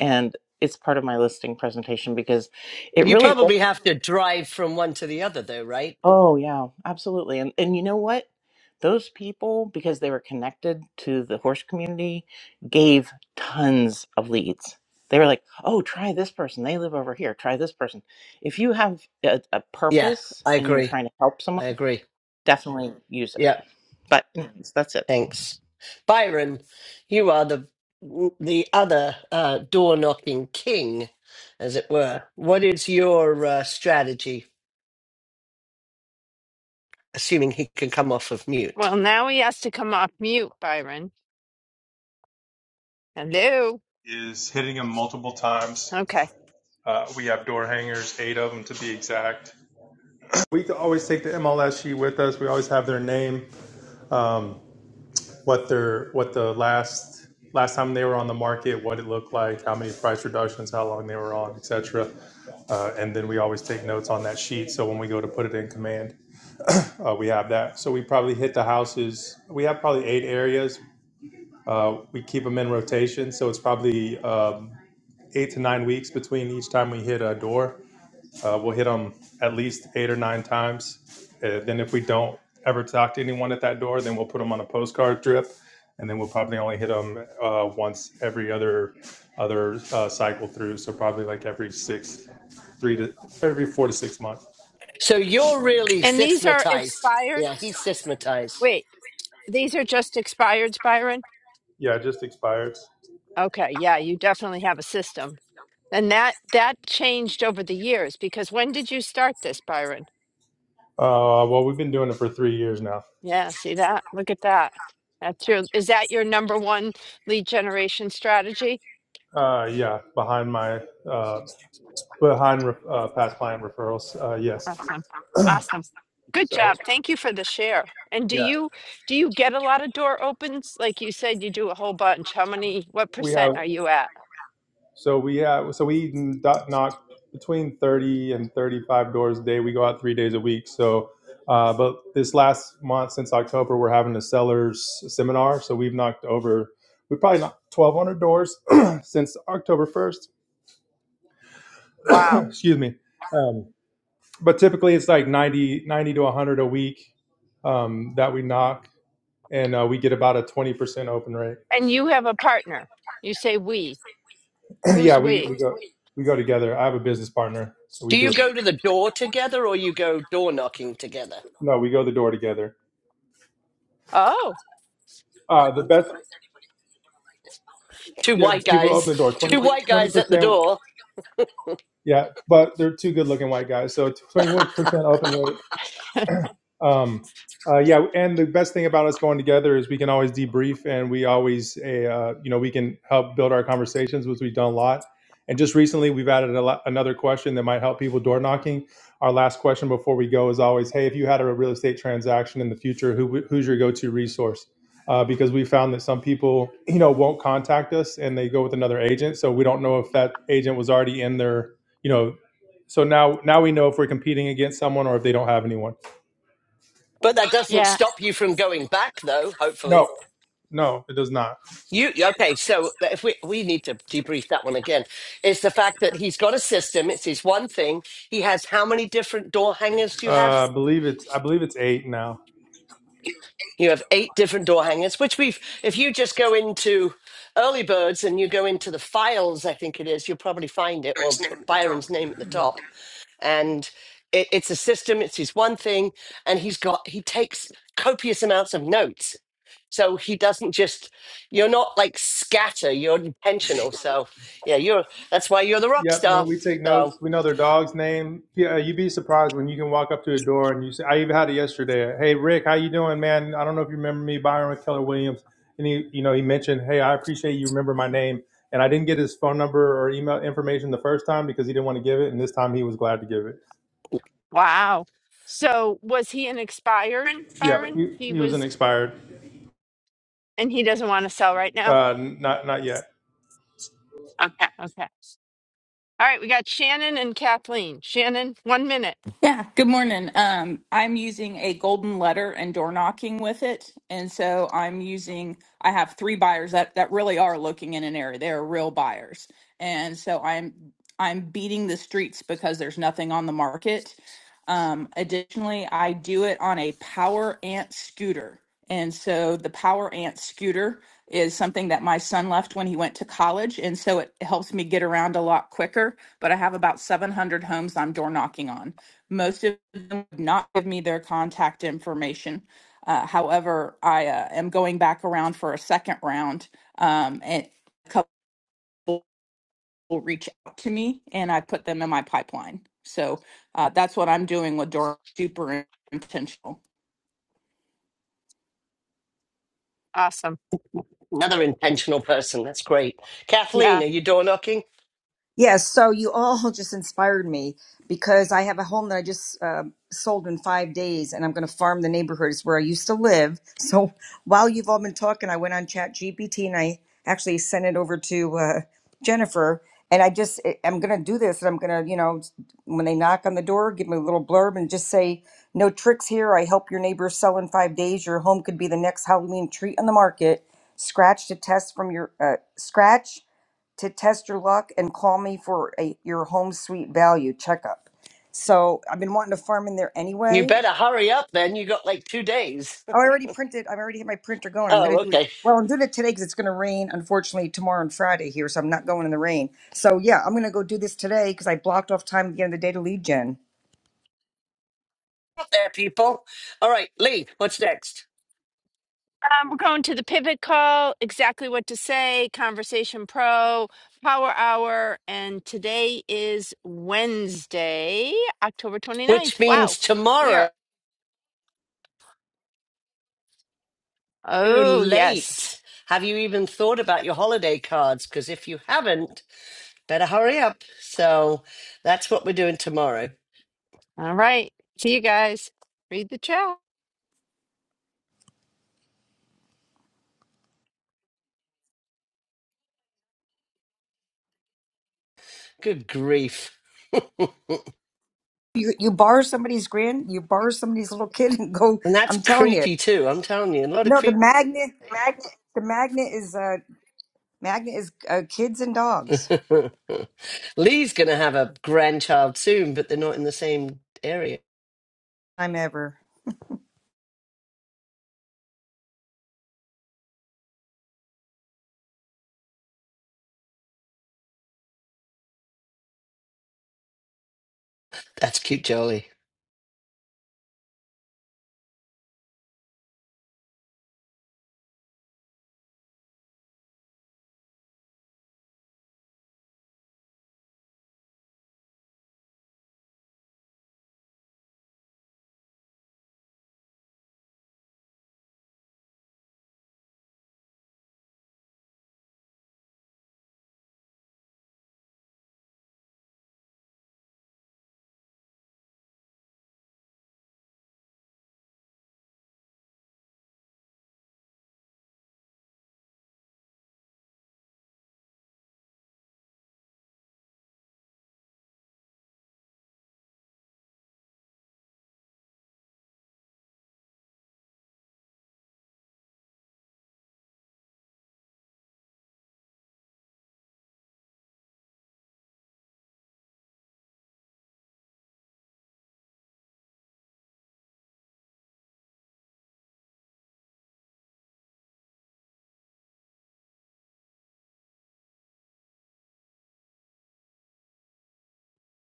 Speaker 8: And it's part of my listing presentation because it
Speaker 1: You
Speaker 8: really does.
Speaker 1: probably have to drive from one to the other, though, right?
Speaker 8: Oh, yeah, absolutely. And, and you know what? Those people, because they were connected to the horse community, gave tons of leads. They were like, oh, try this person. They live over here. Try this person. If you have a, a
Speaker 1: Yeah,
Speaker 8: purpose
Speaker 1: I
Speaker 8: and you're
Speaker 1: agree.
Speaker 8: trying to help someone,
Speaker 1: I agree.
Speaker 8: definitely use it.
Speaker 1: Yeah,
Speaker 8: But anyways, that's it.
Speaker 1: thanks, Byron. You are the the other uh, door knocking king, as it were. What is your uh, strategy? Assuming he can come off of
Speaker 2: well,
Speaker 1: mute.
Speaker 2: now he has to come off mute, Byron. Hello.
Speaker 9: is hitting them multiple times.
Speaker 2: Okay.
Speaker 9: Uh, we have door hangers, eight of them to be exact. We always take the MLS sheet with us. We always have their name, um, what their what the last last time they were on the market, what it looked like, how many price reductions, how long they were on, etc. Uh, and then we always take notes on that sheet. So when we go to put it in command, uh, we have that. So we probably hit the houses. We have probably eight areas. Uh, we keep them in rotation, so it's probably um, eight to nine weeks between each time we hit a door. Uh, we'll hit them at least eight or nine times. Uh, then, if we don't ever talk to anyone at that door, then we'll put them on a postcard drip, and then we'll probably only hit them uh, once every other other uh, cycle through. So probably like every six, three to every four to six months.
Speaker 1: So you're really
Speaker 2: And these are
Speaker 1: systematized. Yeah,
Speaker 2: expireds.
Speaker 1: he's systematized.
Speaker 2: Wait, these are just expireds, Byron?
Speaker 9: Yeah, it just expired.
Speaker 2: Okay. Yeah, you definitely have a system. And that that changed over the years because when did you start this, Byron?
Speaker 9: Uh, well, we've been doing it for three years now.
Speaker 2: Yeah, see that? Look at that. That's your is that your number one lead generation strategy?
Speaker 9: Uh, yeah, behind my uh, behind uh, past client referrals. Uh, yes.
Speaker 2: Awesome. Awesome. Good
Speaker 9: So
Speaker 2: job. Thank you for the share. And do
Speaker 9: yeah,
Speaker 2: you do you get a lot of door opens? Like you said you do a whole bunch. How many what
Speaker 9: we
Speaker 2: percent
Speaker 9: have.
Speaker 2: are you at?
Speaker 9: So we have so we knock between thirty and thirty-five doors a day. We go out three days a week. So, uh, but this last month since October, we're having a sellers seminar. So we've knocked over we probably knocked twelve hundred doors (clears throat) since October first. (clears throat)
Speaker 2: Wow.
Speaker 9: Excuse me. Um, but typically it's like 90 90 to a hundred a week um, that we knock, and uh, we get about a twenty percent open rate.
Speaker 2: And you have a partner. You say we.
Speaker 9: (clears throat)
Speaker 2: Who's
Speaker 9: yeah, we,
Speaker 2: we?
Speaker 9: we go we go together. I have a business partner, so
Speaker 1: Do
Speaker 9: we do
Speaker 1: you
Speaker 9: it.
Speaker 1: go to the door together or you go door knocking together?
Speaker 9: No, we go the door together.
Speaker 2: Oh,
Speaker 9: Uh, the best,
Speaker 1: Two
Speaker 9: yeah,
Speaker 1: white
Speaker 9: people open
Speaker 1: guys,
Speaker 9: the door.
Speaker 1: two
Speaker 9: 20
Speaker 1: white guys at the
Speaker 9: percent,
Speaker 1: door,
Speaker 9: yeah, but they're two good-looking white guys. So
Speaker 1: (laughs)
Speaker 9: twenty-one percent open rate Um, uh, yeah, and the best thing about us going together is we can always debrief, and we always, uh, you know, we can help build our conversations, which we've done a lot. And just recently, we've added a lot, another question that might help people door knocking. Our last question before we go is always, hey, if you had a real estate transaction in the future, who, who's your go-to resource? Uh, because we found that some people, you know, won't contact us and they go with another agent. So we don't know if that agent was already in their, you know, so now now we know if we're competing against someone or if they don't have anyone.
Speaker 1: but that doesn't
Speaker 2: yeah.
Speaker 1: stop you from going back though,
Speaker 9: No.
Speaker 1: hopefully.
Speaker 9: No, it does not.
Speaker 1: You okay, so if we we need to debrief that one again. It's the fact that he's got a system, it's his one thing. He has how many different door hangers do you have?
Speaker 9: Uh, I believe it's I believe it's eight now.
Speaker 1: You have eight different door hangers, which we've, if you just go into early birds and you go into the files, I think it is, you'll probably find it or put Byron's name at the top. And it, it's a system, it's his one thing. And he's got, he takes copious amounts of notes. So he doesn't just, you're not like scatter, you're intentional. So yeah, you're, that's why you're the rock
Speaker 9: Yep. No,
Speaker 1: star.
Speaker 9: we take
Speaker 1: So
Speaker 9: notes. We know their dog's name. Yeah, you'd be surprised when you can walk up to a door and you say, "I even had it yesterday." Hey, Rick, how you doing, man? I don't know if you remember me, Byron with Keller Williams, and he, you know, he mentioned, "Hey, I appreciate you remember my name." And I didn't get his phone number or email information the first time because he didn't want to give it, and this time he was glad to give it.
Speaker 2: Wow. So was he an expired,
Speaker 9: Yeah,
Speaker 2: Byron?
Speaker 9: he,
Speaker 2: He
Speaker 9: he was an
Speaker 2: was
Speaker 9: expired.
Speaker 2: and he doesn't want to sell right now?
Speaker 9: Uh, not not yet.
Speaker 2: Okay. All right, we got Shannon and Kathleen. Shannon, one minute.
Speaker 10: Yeah, good morning. Um, I'm using a golden letter and door knocking with it. And so I'm using, I have three buyers that, that really are looking in an area. They are real buyers. And so I'm, I'm beating the streets because there's nothing on the market. Um, additionally, I do it on a power ant scooter. And so the power ant scooter is something that my son left when he went to college. And so it helps me get around a lot quicker. But I have about 700 homes I'm door knocking on. Most of them would not give me their contact information. Uh, however, I uh, am going back around for a second round, um, and a couple will reach out to me, and I put them in my pipeline. So uh, that's what I'm doing with Dora. Super intentional.
Speaker 2: Awesome.
Speaker 1: another intentional person. That's great.
Speaker 2: Yeah.
Speaker 1: Kathleen, are you door knocking?
Speaker 11: Yes, so you all (laughs) just inspired me because I have a home that I just uh, sold in five days, and I'm going to farm the neighborhoods where I used to live. (laughs) So while you've all been talking, I went on Chat GPT and I actually sent it over to uh, Jennifer. And I just I- I'm going to do this, and I'm going to you know when they knock on the door, give me a little blurb and just say no tricks here. I help your neighbor sell in five days. Your home could be the next Halloween treat on the market. Scratch to test from your uh, scratch to test your luck and call me for a, your home sweet value checkup. So I've been wanting to farm in there
Speaker 1: You
Speaker 11: anyway.
Speaker 1: better hurry up then. You got like two days.
Speaker 11: Oh, I already printed. I've already had my printer going. I'm going
Speaker 1: Oh,
Speaker 11: to do it.
Speaker 1: okay.
Speaker 11: Well, I'm doing it today because it's going to rain, unfortunately, tomorrow and Friday here. So I'm not going in the rain. So yeah, I'm going to go do this today because I blocked off time at the end of the day to lead gen.
Speaker 1: There, people. All right, Lee, what's next?
Speaker 2: Um, we're going to the pivot call, exactly what to say, conversation pro, power hour, and today is Wednesday, October twenty ninth.
Speaker 1: Which
Speaker 2: Wow,
Speaker 1: means
Speaker 2: we are,
Speaker 1: tomorrow, too
Speaker 2: oh, yes.
Speaker 1: late. Have you even thought about your holiday cards? Because if you haven't, better hurry up. So that's what we're doing tomorrow.
Speaker 2: All right, see you guys. Read the chat.
Speaker 1: Good grief. (laughs) and
Speaker 11: You, you borrow somebody's grand, you borrow somebody's (laughs) little kid and go.
Speaker 1: that's
Speaker 11: I'm telling you.
Speaker 1: creepy too, I'm telling you. A lot of
Speaker 11: No, the
Speaker 1: creep.
Speaker 11: magnet, the magnet is, uh, magnet is uh, kids and dogs.
Speaker 1: (laughs) Lee's going to have a grandchild soon, but they're not in the same area.
Speaker 11: Time ever.
Speaker 1: That's cute, Jolie.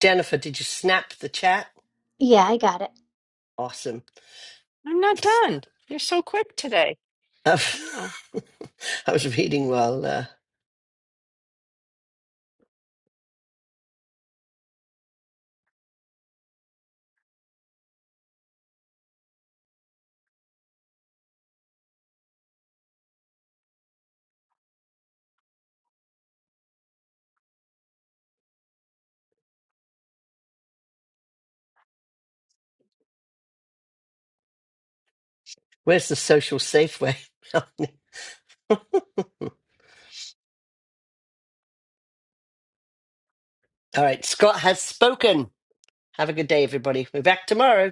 Speaker 1: Jennifer, did you snap the chat?
Speaker 3: Yeah, I got it.
Speaker 1: Awesome.
Speaker 2: I'm not done. You're so quick today.
Speaker 1: I've-
Speaker 2: Oh.
Speaker 1: (laughs) I was reading while, uh, where's the social safe way? (laughs) All right, Scott has spoken. Have a good day, everybody. We're back tomorrow.